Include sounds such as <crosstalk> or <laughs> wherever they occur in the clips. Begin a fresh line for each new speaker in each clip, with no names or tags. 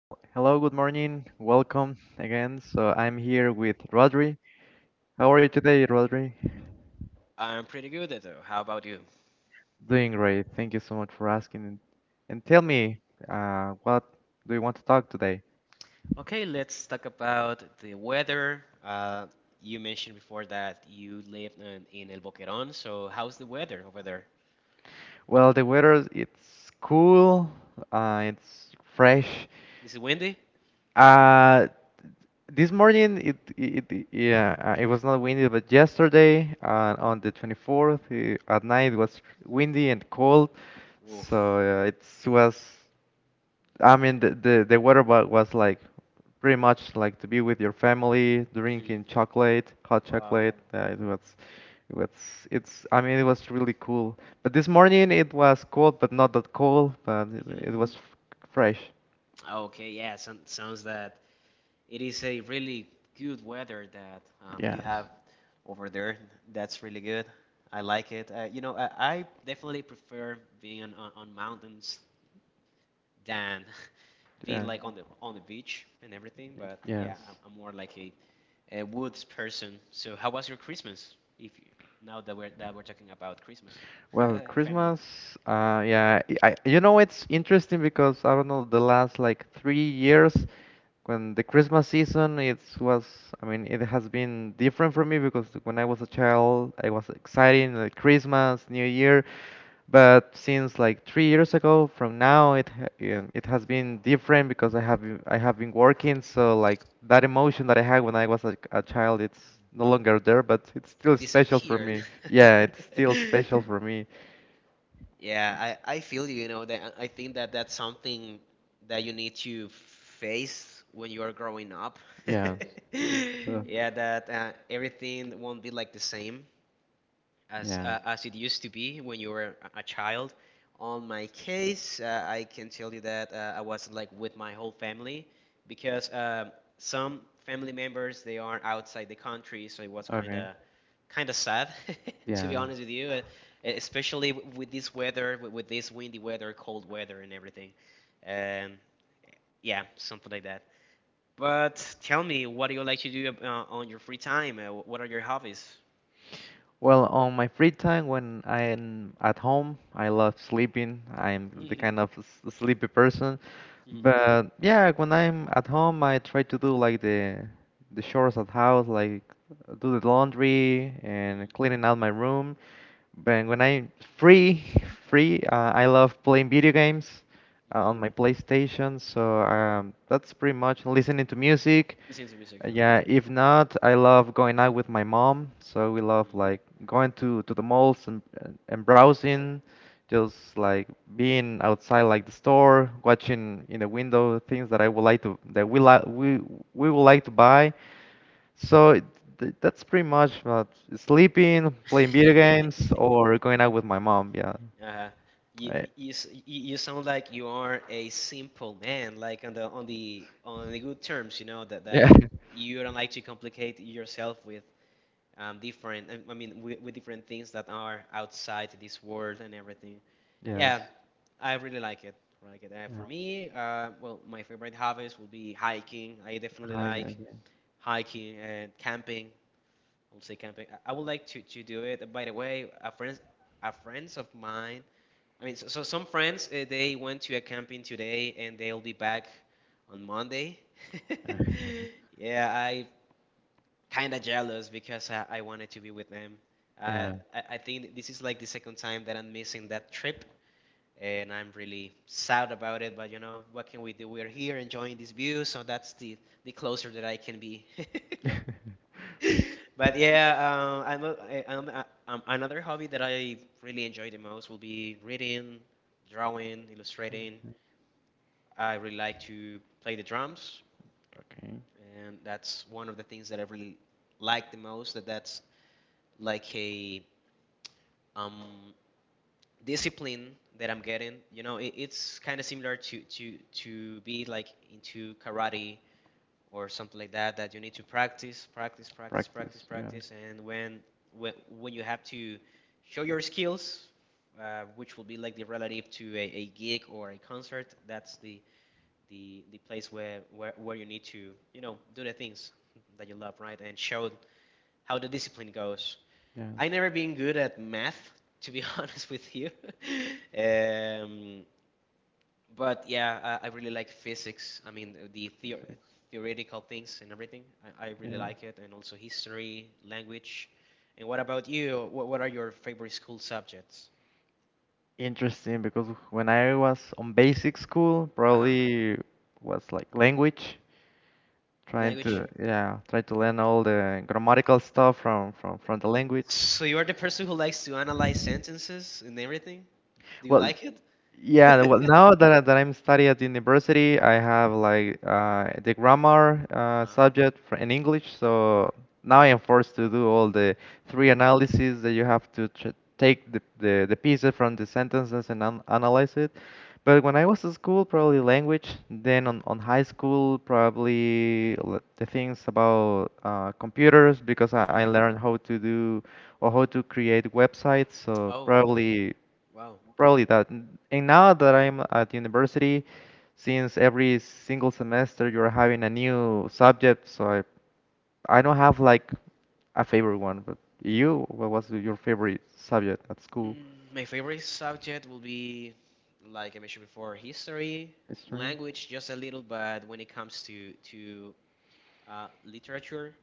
Well, hello, good morning. Welcome again. So I'm here with Rodri. How are you today, Rodri?
I'm pretty good, at it. How about you?
Doing great. Thank you so much for asking. And tell me, what do you want to talk today?
Okay, let's talk about the weather. You mentioned before that you live in El Boquerón, so how's the weather over there?
Well, the weather, it's cool, it's fresh.
Is it windy?
Uh, this morning yeah it was not windy, but yesterday on the 24th at night it was windy and cold, so
Oof.
it was, I mean, the was like pretty much like to be with your family,
Hmm.
drinking chocolate, hot
Wow.
chocolate. It was, I mean, it was really cool. But this morning it was cold, but not that cold, but
Hmm.
fresh.
Okay, yeah, son sounds that it is a really good weather that you
Yes,
have over there. That's really good. I like it. You know, I definitely prefer being on mountains than <laughs> being
yeah,
like on the beach and everything. But yeah,
yes.
I'm more like a woods person. So how was your Christmas? If you, Now that we're talking about Christmas, <laughs>
Well,
and family,
Christmas, yeah, you know, it's interesting because I don't know, the last like 3 years, when the Christmas season, it was, I mean, it has been different for me because when I was a child, I was excited like Christmas, New Year, but since like 3 years ago, from now, it has been different because I have been working, so like that emotion that I had when I was a child, it's no longer there, but it's still special for
disappeared.
me. Yeah,
<laughs>
it's still special for me.
Yeah, I feel you, you know, that I think that that's something that you need to face when you are growing up.
Yeah.
<laughs>
Uh,
Yeah, that everything won't be like the same. as
yeah.
uh, as it used to be when you were a child. On my case, I can tell you that I was like with my whole family because some family members they are outside the country, so it was
Okay.
kind of sad, <laughs> to be
Yeah.
honest with you, especially with this weather, with this windy weather, cold weather, and everything. Um, yeah, something like that. But tell me, what do you like to do on your free time? What are your hobbies? <laughs>
Well, on my free time when I'm at home, I love sleeping. I'm the
Mhm.
kind of sleepy person. But yeah, when I'm at home, I try to do like the chores at house, like do the laundry and
Mhm.
cleaning out my room. But when I'm free, <laughs> free, I love playing video games,
Mhm.
on my PlayStation. So that's pretty much listening to music.
Listen to music.
Yeah, if not, I love going out with my mom. So we love
Uh-huh.
like going to the malls and and browsing, just like being outside like the store, watching in the window things that I would like to that we like we would like to buy. So that's pretty much about sleeping, playing video games,
<laughs>
or going out with my mom. Yeah.
Uh, you,
I-
you s- you you sound like you are a simple man, like on the on the good terms, you know that
Yeah. <laughs>
that you don't like to complicate yourself with different. I mean, with different things that are outside this world and everything.
Yes.
Yeah, I really like it. Like it.
Yeah.
For me, well, my favorite hobbies will be hiking. I definitely
Hi
like
again.
hiking and camping. I'll say camping. I would like to do it. By the way, a friends of mine. I mean, so some friends they went to a camping today and they'll be back on Monday.
Yeah.
<laughs> Yeah, I kind of jealous because I wanted to be with them.
<laughs>
Uh,
Yeah.
I think this is like the second time that I'm missing that trip, and I'm really sad about it. But you know, what can we do? We're here enjoying this view, so that's the closer that I can be. <laughs>
<laughs>
<laughs> But yeah, another hobby that I really enjoy the most will be reading, drawing, illustrating. I really like to play the drums,
Okay.
and that's one of the things that I really like the most. That that's like a um, discipline that I'm getting. You know, it's kind of similar to to be like into karate or something like that that you need to practice, practice, practice, practice,
Practice. Yeah.
practice, and when, when you have to show your skills, which will be like the relative to a gig or a concert, that's the the place where, where you need to you know do the things that you love, right, and show how the discipline goes.
Yes.
I never been good at math, <laughs> to be honest with you. <laughs> um, but yeah, I really like physics. I mean, the
Physics.
theoretical things and everything. I really
Yes.
like it, and also history, language. And what about you? What are your favorite school subjects?
Interesting, because when I was on basic school,
Uh-huh.
probably was like language, trying
Language.
to yeah, try to learn all the grammatical stuff from the language.
So you are the person who likes to analyze sentences and everything? Do you
Well,
like it?
yeah, well,
<laughs>
that I'm studying at university, I have like the grammar
Uh-huh.
subject for, in English, so now I am forced to do all the three analyses that you have to ch take the pieces from the sentences and an analyze it. But when I was in school, probably language, then on high school, the things about computers, because I
Mhm.
learned how to do or how to create websites, so
Oh,
probably.
wow.
Probably that. And now that I'm at university, since every single semester you're having a new subject, I don't have like a favorite one. But you, what was your favorite subject at school?
Mm, my favorite subject will be, like I mentioned before, history,
History?
language, just a little, but when it comes to literature,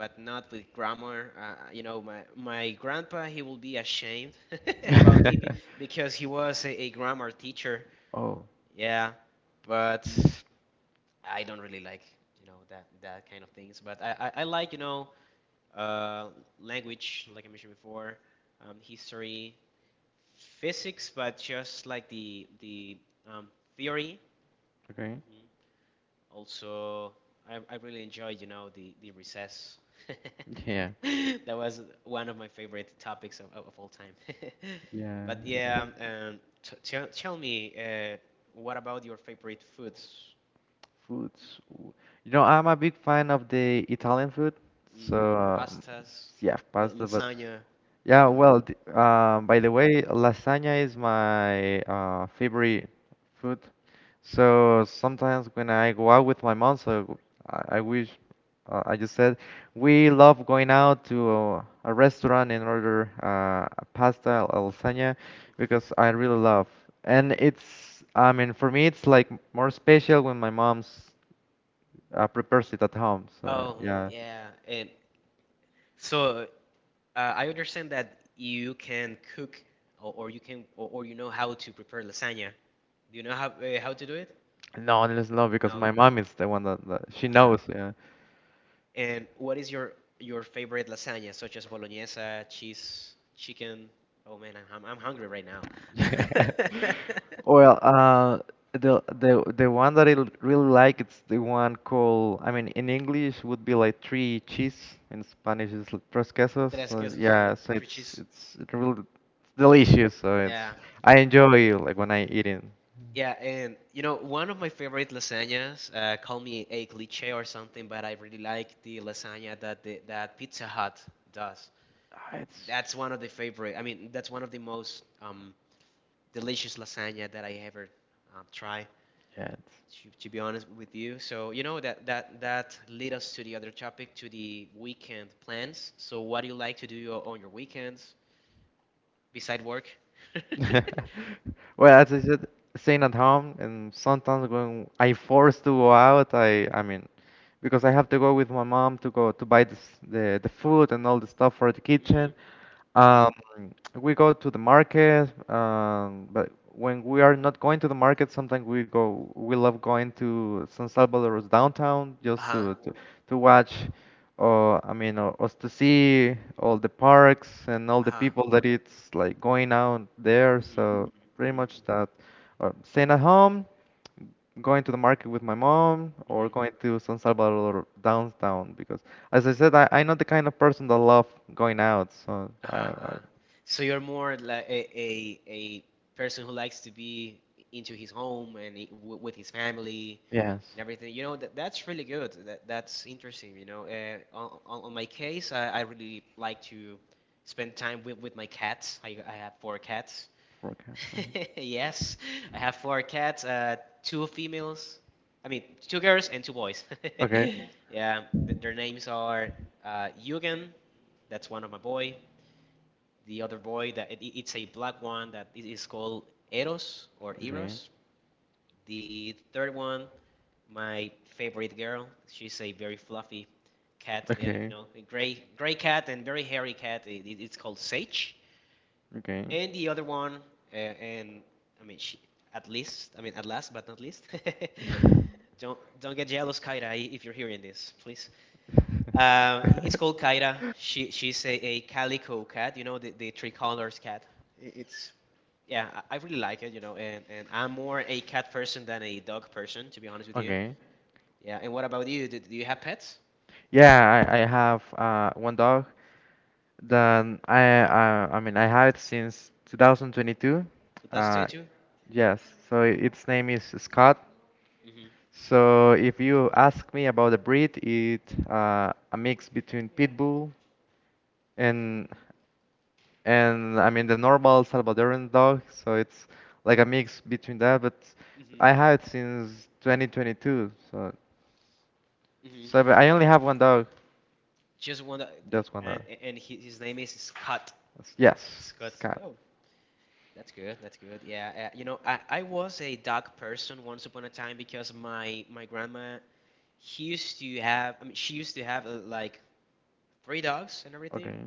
but not with grammar. You know, my grandpa, he will be ashamed <laughs> about it
<laughs>
because he was a grammar teacher.
Oh,
Yeah, but I don't really like, you know, that kind of things. But I like, you know, uh, language, like I mentioned before, history, physics, but just like the, the um, theory.
okay.
Also, I really enjoyed, you know, the recess. <laughs> That was one of my favorite topics of all time. <laughs>
Yeah.
But
Yeah.
yeah, t tell tell me, what about your favorite foods?
Foods. Ooh. You know, I'm a big fan of the Italian food. So,
Hmm. Pastas,
yeah,
la
pasta, but
lasagna.
yeah, well, by the way, lasagna is my favorite food. So sometimes when I go out with my mom, so I wish I just said we love going out to a restaurant and order a pasta or lasagna because I really love. And it's, I mean, for me, it's like more special when my mom's prepares it at home. So
Oh, mm,
yeah,
yeah. And so I understand that you can cook or, or, you know how to prepare lasagna. Do you know how to do it?
no, it's not because
No.
my mom is the one that she
Uh-huh.
knows. Yeah.
And what is your favorite lasagna, such as bolognese, cheese, chicken? Oh man, I'm hungry right now.
<laughs> Well, the one that really like, it's the one called, I mean in English would be like three cheese, in Spanish is tres
<laughs>
quesos.
Tres
So
quesos,
yeah, so
three
it's
cheese.
it's it really delicious. So it's,
Yeah,
I enjoy like when I eat it.
yeah, and you know one of my favorite lasagnas. Call me a cliché or something, but I really like the lasagna that that Pizza Hut does.
Ah, It's
That's one of the favorite. I mean, that's one of the most delicious lasagna that I ever try.
yeah, it's
To be honest with you. So you know that that lead us to the other topic, to the weekend plans. So what do you like to do on your weekends beside work? <laughs>
<laughs> Well, as I said, staying at home, and sometimes when I forced to go out, I mean, because I have to go with my mom to go to buy the food and all the stuff for the kitchen.
Hmm. Hmm.
Um, we go to the market, but when we are not going to the market, sometimes we go. We love going to San Salvador's downtown just
Uh-huh.
to watch us to see all the parks and all the
Uh-huh.
people that it's like going out there.
Hmm.
So pretty
Hmm.
much that, or staying at home, going to the market with my mom, or
Hmm.
going to San Salvador downtown. Because as I said, I'm not the kind of person that love going out. So
Uh-huh.
I
Uh-huh. So you're more like a, a person who likes to be into his home and I- w with his family and everything. You know that that's really good. That that's interesting. You know, on my case, I really like to spend time with my cats. I have 4 cats.
for cats,
<laughs> Yes, I have 4 cats. Two females. I mean, two girls and two boys.
Okay.
<laughs> Yeah, their names are Eugen. That's one of my boy. The other boy that it's a black one that is called Eros or
Okay.
Eros. The third one my favorite girl. She's a very fluffy cat, yeah, you
Okay.
know, a gray cat and very hairy cat. It's called Sage.
Okay.
And the other one, and I mean, she, at least, I mean, at last but not least. <laughs>
<laughs>
Don't get jealous, Kaira, if you're hearing this, please. It's called Kaira. She's a calico cat. You know, the three colors cat. It's yeah, I really like it, you know, and I'm more a cat person than a dog person, to be honest with you.
Okay.
Yeah, and what about you? Do, do you have pets?
Yeah, I have one dog that I mean I had since 2022. Uh,
2022?
yes, so its name is Scott.
Mm-hmm.
So if you ask me about the breed, it a mix between pit bull and and I mean the normal Salvadoran dog, so it's like a mix between that. But
Mm-hmm.
I have it since 2022, so so
Mm-hmm.
but I only have one dog,
Just one, that-
just one dog.
and he, his name is Scott.
It's- Yes,
Scott.
it's cat.
Oh, that's good. That's good. Yeah. You know, I was a dog person once upon a time because my grandma she used to have. I mean, she used to have like 3 dogs and everything,
Okay,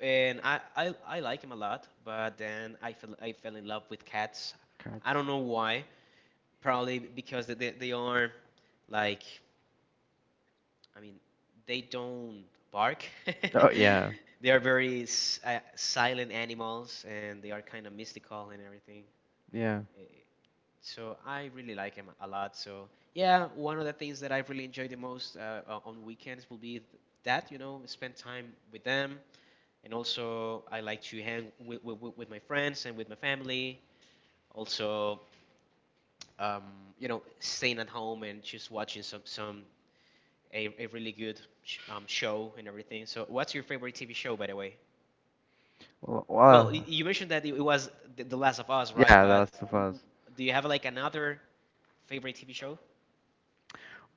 and I like him a lot. But then I fell in love with cats.
cat.
I don't know why. Probably because they they are like I mean, they don't bark. <laughs>
Oh yeah,
They are very silent animals, and they are kind of mystical and everything.
yeah.
Eh, so I really like them a lot. So yeah, one of the things that I really enjoy the most on weekends will be you know, spend time with them. And also, I like to hang with, with my friends and with my family. Also, um, you know, staying at home and just watching some a really good show and everything. So, what's your favorite TV show, by the way?
Well,
Well,
well,
you mentioned that it was The Last of Us, right?
yeah, The
But
Last of Us.
do you have like another favorite TV show?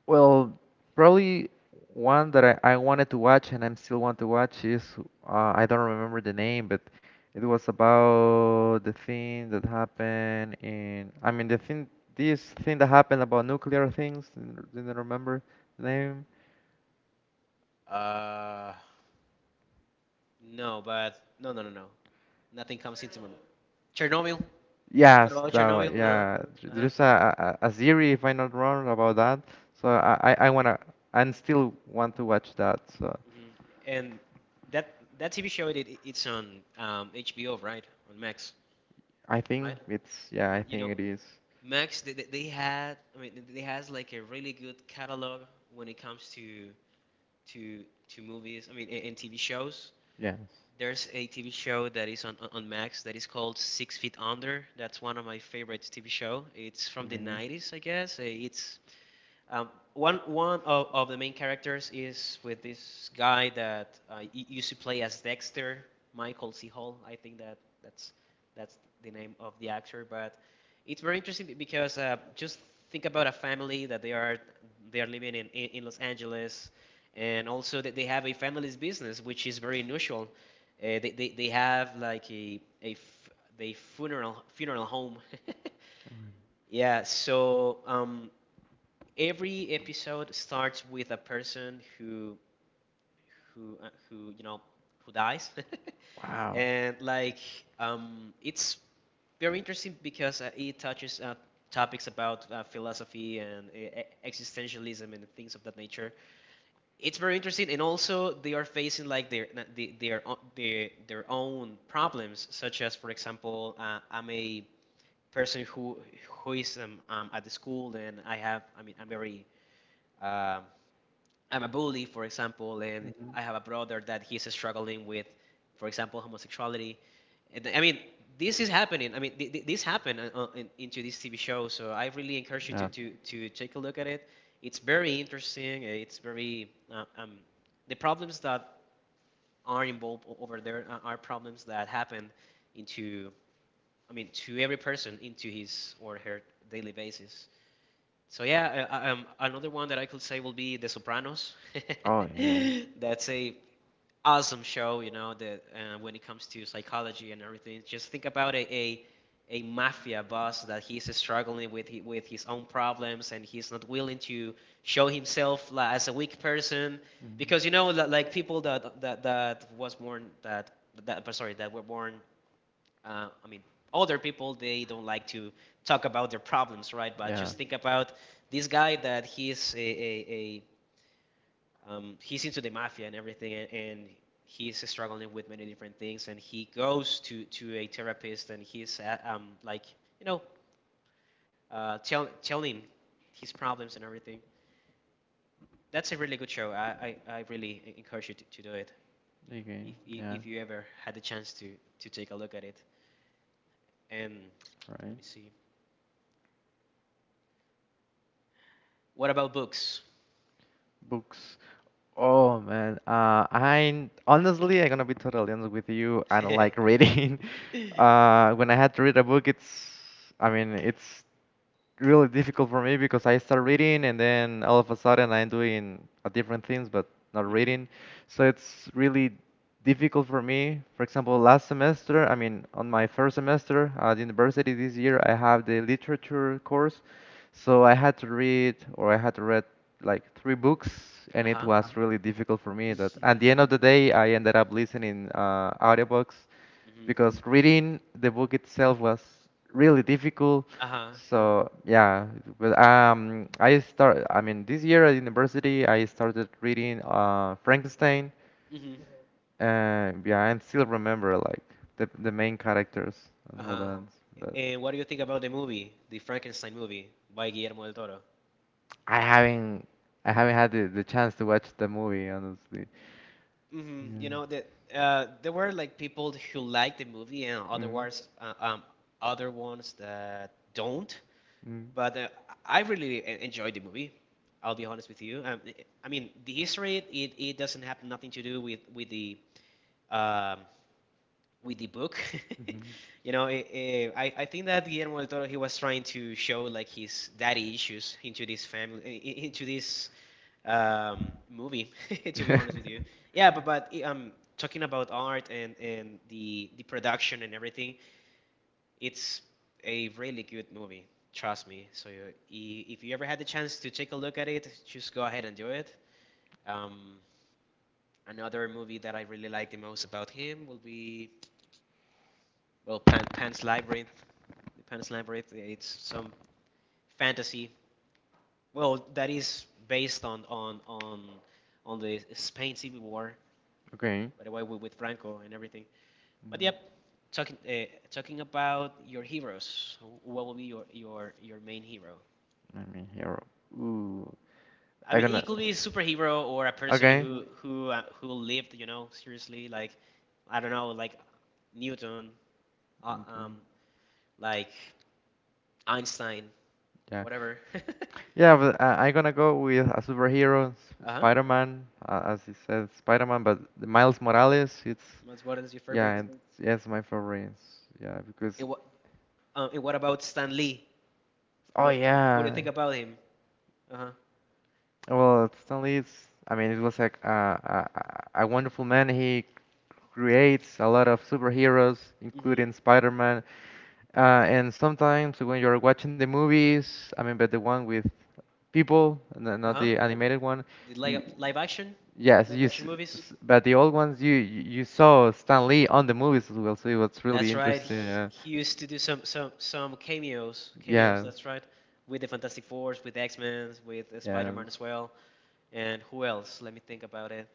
Well, probably one that I wanted to watch and I'm still want to watch is I don't remember the name, but it was about the thing that happened in, I mean the thing, this thing that happened about nuclear things. Didn't remember the name.
Uh, No, but no, no, no, no. Nothing comes into my mind. Chernobyl. What
Yes,
about
that
Chernobyl?
one.
Uh huh.
Yeah,
Uh huh.
there's a series if I'm not wrong about that. So I wanna and still want to watch that. So
Hmm. And that that TV show it's on HBO, right? On Max,
I think
right?
it's, yeah,
Mhm.
I
You
think
know,
it is.
Max, they, they had, I mean, they has like a really good catalog when it comes to to to movies. I mean, and TV shows.
Yes.
There's a TV show that is on, on Max that is called Six Feet Under. That's one of my favorite TV show. It's from the
Okay.
'90s, I guess. It's one of the main characters is with this guy that used to play as Dexter, Michael C. Hall. I think that that's that's the name of the actor. But it's very interesting because just think about a family that they are living in, Los Angeles, and also that they have a family's business, which is very unusual. They have like a f- they funeral home. <laughs> Yeah, so every episode starts with a person who who dies <laughs>
Wow.
and like it's very interesting because it touches topics about philosophy and existentialism and things of that nature. It's very interesting, and also they are facing like their their own problems, such as, for example, I'm a person who is at the school, and I'm very um, I'm a bully, for example, and
Mhm.
I have a brother that he's struggling with, for example, homosexuality. And I mean, this is happening. I mean, this happened into this TV show. So I really encourage you
Yeah.
to take a look at it. It's very interesting. It's very the problems that are involved over there are problems that happen into, I mean, to every person into his or her daily basis. So yeah, another one that I could say will be The Sopranos.
Oh yeah.
<laughs> That's a awesome show, you know, that when it comes to psychology and everything. Just think about a mafia boss that he's struggling with with his own problems, and he's not willing to show himself like as a weak person,
Mhm.
because you know, like people that that was born that that but sorry, that were born, I mean, other people, they don't like to talk about their problems, right? But
Yeah.
just think about this guy that he's a he's into the mafia and everything, and he's struggling with many different things, and he goes to a therapist, and he's like you know tell him his problems and everything. That's a really good show. I really encourage you to do it,
Okay.
if
Yeah.
you ever had the chance to take a look at it. And let
Right.
me see. What about books?
Books. Oh man, I honestly, I'm gonna be totally honest with you. I don't like
<laughs>
reading. <laughs>
Mhm.
When I had to read a book, I mean, it's really difficult for me because I start reading and then all of a sudden I'm doing a different things but not reading. So it's really difficult for me. For example, last semester, I mean, on my first semester at university this year, I have the literature course. So I had to read like 3 books, and it
Uh-huh.
was really difficult for me that at the end
<laughs>
of the day I ended up listening audiobooks
Mhm.
because reading the book itself was really difficult.
Uh-huh.
So yeah, but I start. I mean, this year at university, I started reading Frankenstein,
Mhm.
and yeah, and still remember like the main characters and all
Uh-huh.
that. But
And what do you think about the movie, the Frankenstein movie by Guillermo del Toro?
I haven't I haven't had the chance to watch the movie honestly.
Hmm. You know that
Yeah.
there were like people who like the movie, and
Mm.
otherwise other ones that don't.
Mm.
But I really enjoyed the movie. I'll be honest with you. I mean, the history, it doesn't have nothing to do with the um, with the book.
Mhm.
<laughs> You know, I think that Guillermo del Toro, he was trying to show like his daddy issues into this into this movie. <laughs> To be honest with you,
<laughs>
yeah, but talking about art and the production and everything, it's a really good movie. Trust me. So you, if you ever had the chance to take a look at it, just go ahead and do it. Um, Another movie that I really like the most about him will be, well, Pan's Labyrinth. The Pan's Labyrinth. It's some fantasy. Well, that is based on the Spain Civil War,
okay.
by the way, with Franco and everything. But yep, talking about your heroes. What will be your your main hero?
Let me hear. Ooh,
I
I
mean,
gonna.
it could be a superhero or a person
Okay.
who lived, you know, seriously. Like, I don't know, like Newton, uh,
Mhm.
um, like Einstein,
Yeah,
whatever. <laughs>
yeah, but I'm gonna go with a superhero,
Uh huh.
Spider-Man, as he said, Spider-Man. But the Miles Morales,
What is your favorite?
yeah, it's my favorite. Yeah, because
It, and what about Stan Lee?
oh
What what do you
yeah,
think about him? Uh huh.
well, Stan Lee, I mean, it was like a wonderful man. He creates a lot of superheroes, including
Mm-hmm.
Spider-Man. Uh, and sometimes when you're watching the movies, I mean, but the one with people,
Uh
not
huh.
the animated one.
Did
y- Yes,
live
you.
action movies?
But the old ones, you saw Stan Lee on the movies as well, so it was really
That's right.
interesting. Yeah.
He used to do some cameos. Cameos.
Yes.
That's right. With the Fantastic Fours, with X Men, with Spider Man
Yes.
as well, and who else? Let me think about it.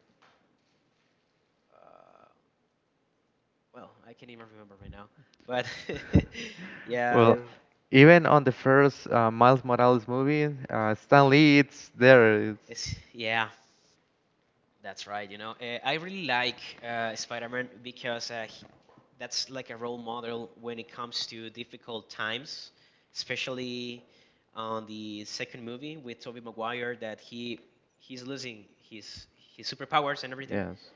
Uh, well, I can't even remember right now. But <laughs> yeah,
Well, even on the first Miles Morales movie, Stan Lee, it's there.
it's yeah. That's right. You know, I really like Spider-Man because that's like a role model when it comes to difficult times, especially on the second movie with Tobey Maguire, that he's losing his superpowers and everything,
Yes,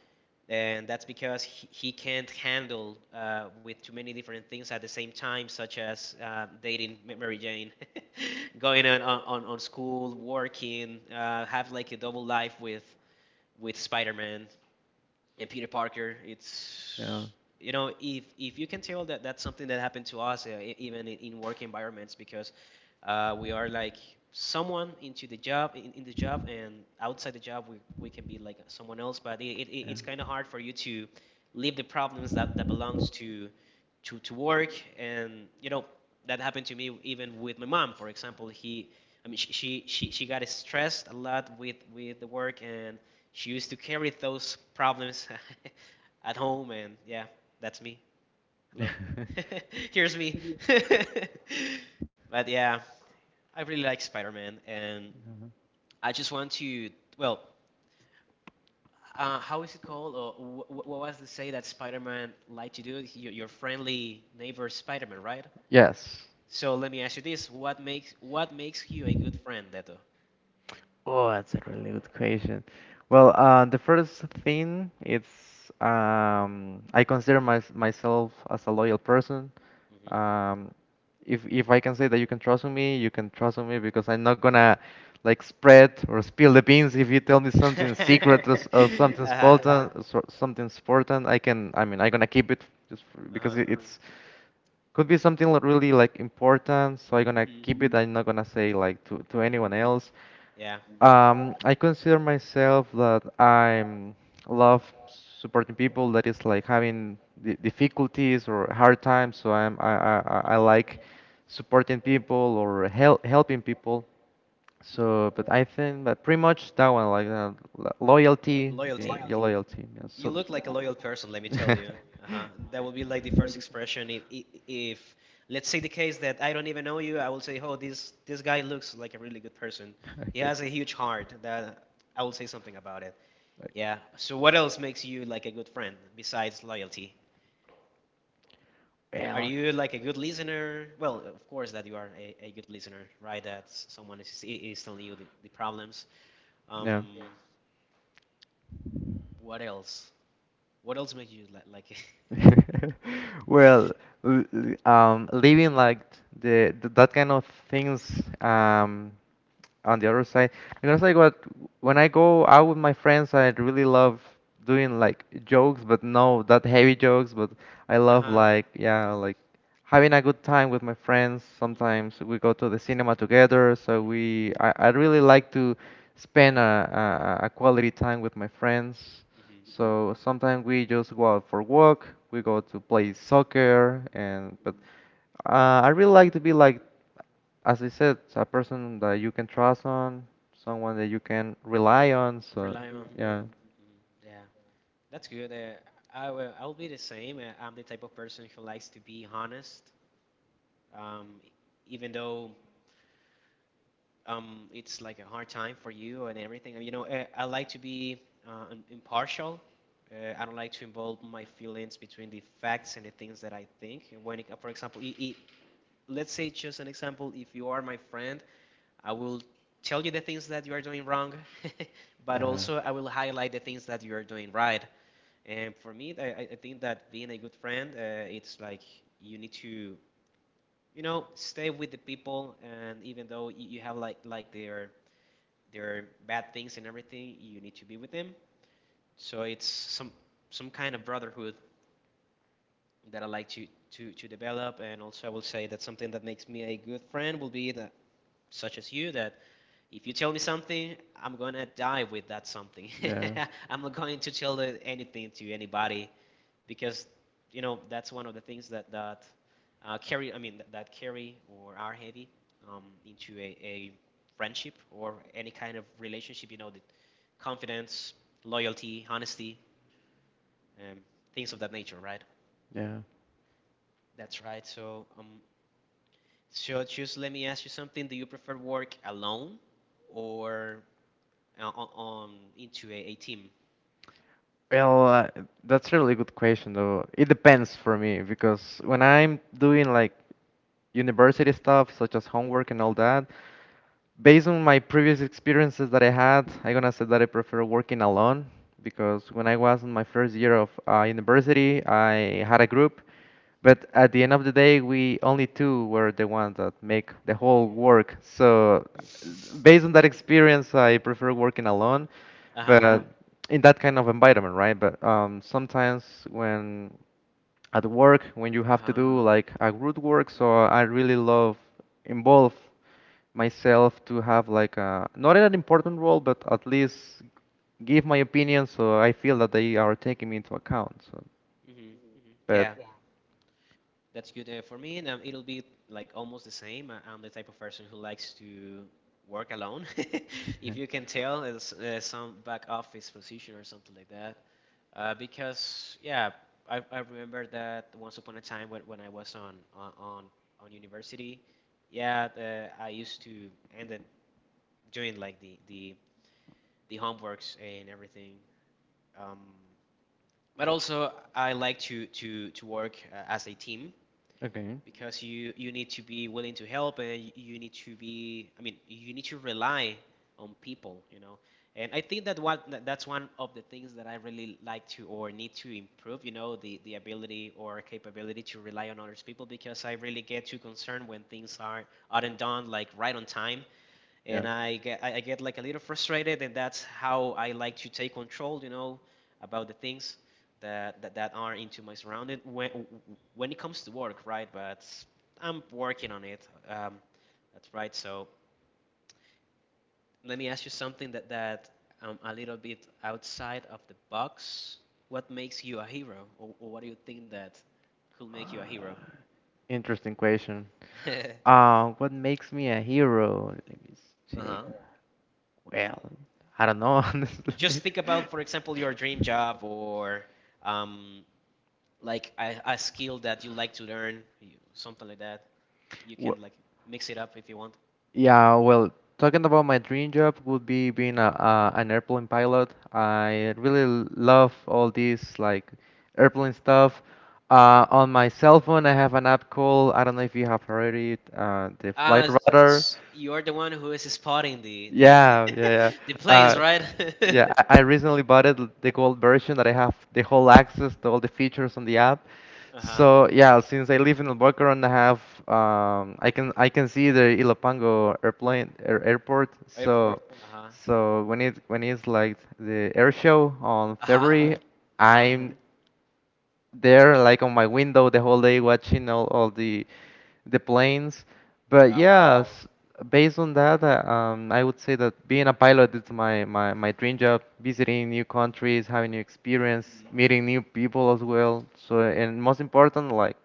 and that's because he can't handle with too many different things at the same time, such as dating Mary Jane, <laughs> going on on school, working, have like a double life with Spider-Man and Peter Parker.
yeah. yeah.
It's, you know, if you can tell, that that's something that happened to us, even in work environments, because we are like someone into the job in the job, and outside the job we can be like someone else, but it's kind of hard for you to leave the problems that, that belongs to work. And you know, that happened to me even with my mom, for example. He I mean She got stressed a lot with the work, and she used to carry those problems <laughs> at home, and yeah, that's me. Hello.
<laughs>
<laughs> Here's me. <laughs> But yeah, I really like Spider-Man, and I just want to, well, how is it called? Or what was the say that Spider-Man like to do? Your friendly neighbor Spider-Man, right?
Yeah. Yes.
So let me ask you this: what makes, what makes you a good friend, Deto?
Oh, that's a really good question. Well, the first thing it's I consider myself as a loyal person. Um, if I can say that you can trust on me, you can trust on me because I'm not gonna like spread or spill the beans if you tell me something secret, or, s- or <laughs>
Mm-hmm. <laughs> Uh-huh.
something important. I mean I'm gonna keep it just because
Uh-huh.
it's could be something really like important, so I'm gonna keep
Mm-hmm.
it, I'm not gonna say like to
Mm-hmm.
anyone else.
Yeah.
Um, I consider myself that I'm love supporting people that is like having difficulties or hard times, so I
Mm-hmm.
like supporting people, or helping people,
Mm-hmm.
so but I think that pretty much that one, like loyalty,
Loyalty.
yeah, your loyalty, yeah,
You
so
look like a loyal person, let me tell you.
<laughs>
Uh-huh. That will be like the first expression. If, let's say the case that I don't even know you, I will say, "Oh, this guy looks like a really good person. He
okay.
has a huge heart." That, I will say something about it. Yeah. So what else makes you like a good friend besides loyalty? Are
Yeah.
you like a good listener? Well, of course that you are a good listener, right? That someone is telling you the problems.
Yeah.
Yeah. What else? What else makes you like? <laughs>
<laughs> Well, living like the, th that kind of things um, on the other side. Because like what, when I go out with my friends, I really love doing like jokes, but no, not heavy jokes, but I love,
Uh-huh.
like, yeah, like having a good time with my friends.
Mhm.
Sometimes we go to the cinema together, so
Hmm.
I really like to spend a quality time with my friends.
Hmm.
So sometimes we just go out for walk, we go to play soccer and
Hmm.
but I really like to be like, as I said, a person that you can trust on, someone that you can rely on. So,
Rely on. Hmm.
yeah.
Hmm. Yeah, that's good. I will, I'll be the same. I'm the type of person who likes to be honest, um, e- even though it's like a hard time for you and everything. You know, I like to be impartial. I don't like to involve my feelings between the facts and the things that I think. When, it, for example, I let's say just an example, if you are my friend, I will tell you the things that you are doing wrong, <laughs> but
Yeah,
also I will highlight the things that you are doing right. And for me, I think that being a good friend, it's like you need to, you know, stay with the people, and even though you have like their bad things and everything, you need to be with them. So it's some some kind of brotherhood that I like to develop. And also, I will say that something that makes me a good friend will be that, such as you, that if you tell me something, I'm gonna die with that something.
yeah,
<laughs> I'm not going to tell anything to anybody, because you know, that's one of the things that carry, I mean that, that carry or are heavy into a friendship or any kind of relationship. You know, the confidence, loyalty, honesty, um, things of that nature, right?
yeah.
That's right. So, so just let me ask you something. Do you prefer work alone or on into a team?
Well, that's a really good question, though. It depends for me because when I'm doing like university stuff, such as
Mhm.
homework and all that, based on my previous experiences that I had, I'm gonna say that I prefer working alone. Because when I was in my first year of university, I had a group, but at the end of the day, we only two were the ones that make the whole work. So, based on that
<laughs>
experience, I prefer working alone, but
Uh-huh.
mhm, in that kind of environment, right? But sometimes when at work when you have to
Uh-huh.
do like a group work. So I really love involve myself to have like a not an important role, but at least give my opinion so I feel that they are taking me into account. So,
Mhm. Mhm.
but
Yeah, that's good. For me, it'll be like almost the same. I'm the type of person who likes to work alone. <laughs> If you can tell, it's some back office position or something like that. Because yeah, I remember that once upon a time when I was on university, yeah, I used to end up doing like the homeworks and everything. Um, But also, I like to work as a team,
okay,
because you need to be willing to help, and you need to be, I mean, you need to rely on people, you know. And I think that that's one of the things that I really like to or need to improve, you know, the ability or capability to rely on others people, because I really get too concerned when things are, aren't done like right on time,
yeah,
and I get, I get like a little frustrated, and that's how I like to take control, you know, about the things that are into my surrounding when it comes to work, right? But I'm working on it. That's right. So let me ask you something that that a little bit outside of the box. What makes you a hero, or what do you think that could make you a hero?
interesting question.
<laughs>
What makes me a hero? Let me check.
Uh-huh.
Well, I don't know, <laughs>
Just
honestly.
think about, for example, your dream job or um, like a skill that you like to learn, something like that. You
Wh-
can like mix it up if you want.
Yeah, well, talking about my dream job would be being a an airplane pilot. I really love all this like airplane stuff. On my cell phone, I have an app called, I don't know if you have heard it, the Flight
Uh,
Radar.
you're the one who is spotting the
Yeah, yeah,
<laughs>
yeah.
the planes,
Uh,
right? <laughs>
yeah, I recently bought it, the gold version, that I have the whole access to all the features on the app.
Uh-huh.
So yeah, since I live in Albuquerque, I have I can see the Ilopango airport.
Airport.
So
Uh-huh.
so when it when it's like the air show on
Uh-huh.
February, uh-huh,
Uh-huh.
I'm there like on my window the whole day watching all the planes. But
Oh, wow.
yeah, based on that I would say that being a pilot is my my dream job. Visiting new countries, having new experience,
Mhm.
meeting new people as well. So and most important, like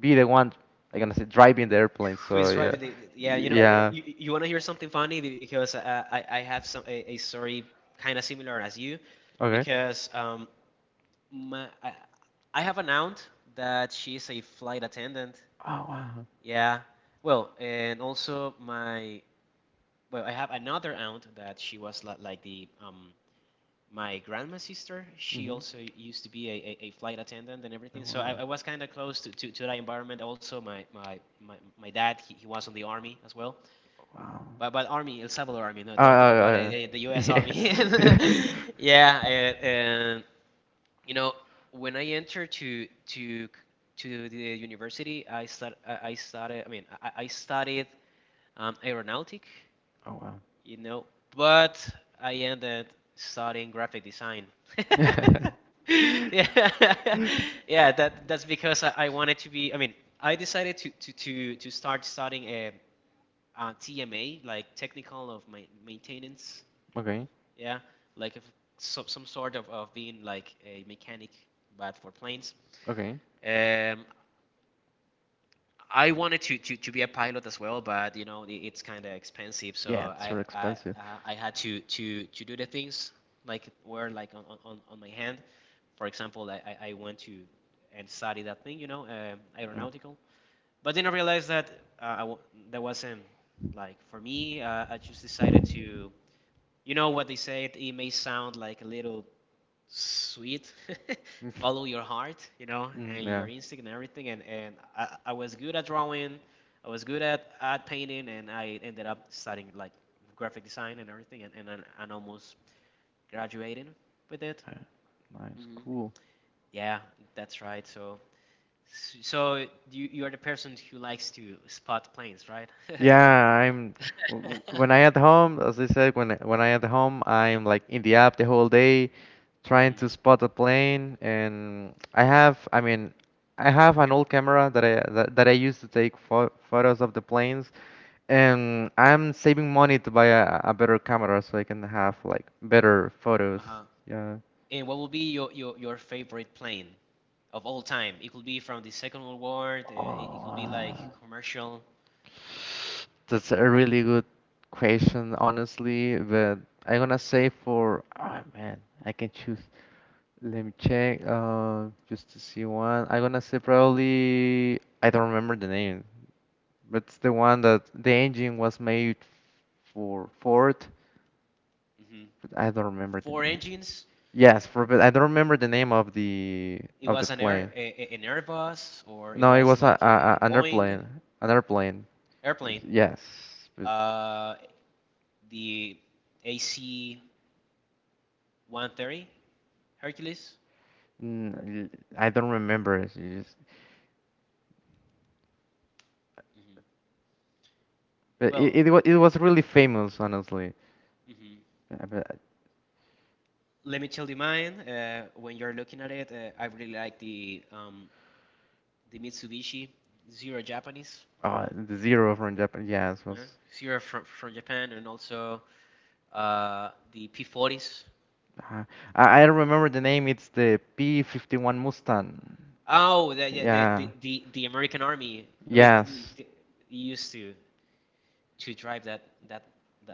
be the one, like, I'm gonna say driving the airplane.
Who
So
is
yeah,
driving the yeah,
yeah.
you know,
Yeah.
you want to hear something funny. Because I have a story kind of similar as you
Okay.
because my, I, I have an aunt that she's a flight attendant.
Oh wow.
Yeah. Well, and also I have another aunt that she was like the my grandma's sister. She
Hmm.
also used to be a flight attendant and everything. So
Wow.
I was kind of close to that environment. Also, my dad, he was on the army as well.
Wow.
But army El Salvador army. No,
Uh, uh,
don't think about it.
uh,
The
<laughs>
U.S. Army.
yeah.
<laughs>
<laughs>
Yeah, and you know, when I entered to the university, I stud I started. I mean, I studied aeronautic,
Oh, wow.
you know, but I ended studying graphic design. <laughs>
<laughs>
Yeah, <laughs> yeah, that that's because I wanted to be. I mean, I decided to start studying TMA, like technical of my maintenance.
Okay.
Yeah, like if, so, some sort of being like a mechanic, but for planes.
Okay.
Um, I wanted to be a pilot as well, but you know it's kind of expensive, so
Yeah, it's so expensive.
I had to do the things like were like on my hand. For example, I went to and study that thing, you know,
Yeah.
aeronautical. But then I realized that uh, I w- that wasn't like for me. I just decided to, you know, what they said. It may sound like a little sweet <laughs>
<laughs>
follow your heart, you know, and
Mm, yeah.
your instinct and everything. And I was good at drawing, I was good at painting, and I ended up studying like graphic design and everything. And and almost graduating with it.
Uh, Nice. Cool.
Yeah, that's right. So so you are the person who likes to spot planes, right? <laughs>
Yeah, I'm w- when I at home, as I said, when I at home, I'm like in the app the whole day trying
Hmm.
to spot a plane. And I have, I mean, I have an old camera that that I used to take photos of the planes. And I'm saving money to buy a better camera so I can have like better photos. Yeah.
And what will be your favorite plane of all time? It could be from the Second World War. It, it could be like commercial.
That's a really good question, honestly, but I'm gonna say for, oh man, I can choose. Let me check, just to see one. I'm gonna say probably I don't remember the name, but it's the one that the engine was made for Ford,
Hmm.
but I don't remember the
Four
name.
engines.
Yes, for, but I don't remember the name of
It
the
was
plane.
an Airbus, or it
No, it
was
was
like a
an
Boeing
airplane, an airplane.
airplane.
Yes, but
Uh, the AC 130 Hercules.
mm, I don't remember. It's just,
Hmm.
but
Well,
it was really famous, honestly.
hmm,
Uh, but, uh,
let me tell you mine. When you're looking at it, I really like the Mitsubishi Zero Japanese.
oh, the Zero from Japan, yes,
Yeah.
was.
Zero from Japan, and also the P-40s.
Uh, I don't remember the name. It's the P-51 Mustang.
Oh, the yeah,
Yeah.
the American Army. I mean,
Yes.
the, used to drive that that.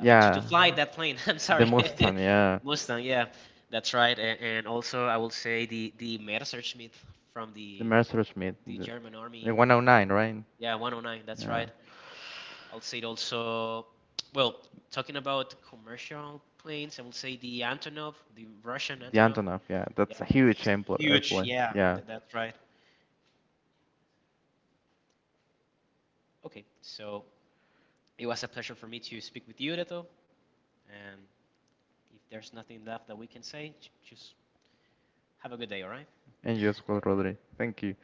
I mean, to fly that plane. <laughs> I'm
The
sorry. <laughs>
Mustang. Yeah.
Mustang, yeah. That's right. And also I will say the Messerschmitt from
The Messerschmitt.
the German
The
Army.
109, right?
Yeah, 109, that's
Yeah.
right. I'll say it also well, talking about commercial planes, I will say the Antonov, the Russian
The
Antonov.
Antonov. Yeah.
Yeah,
That's a huge
it's huge.
airplane.
Yeah,
Yeah.
that's right. Okay, so it was a pleasure for me to speak with you, Reto. And if there's nothing left that we can say, just have a good day, all right?
And you as well,
<laughs>
Rodri. Thank you.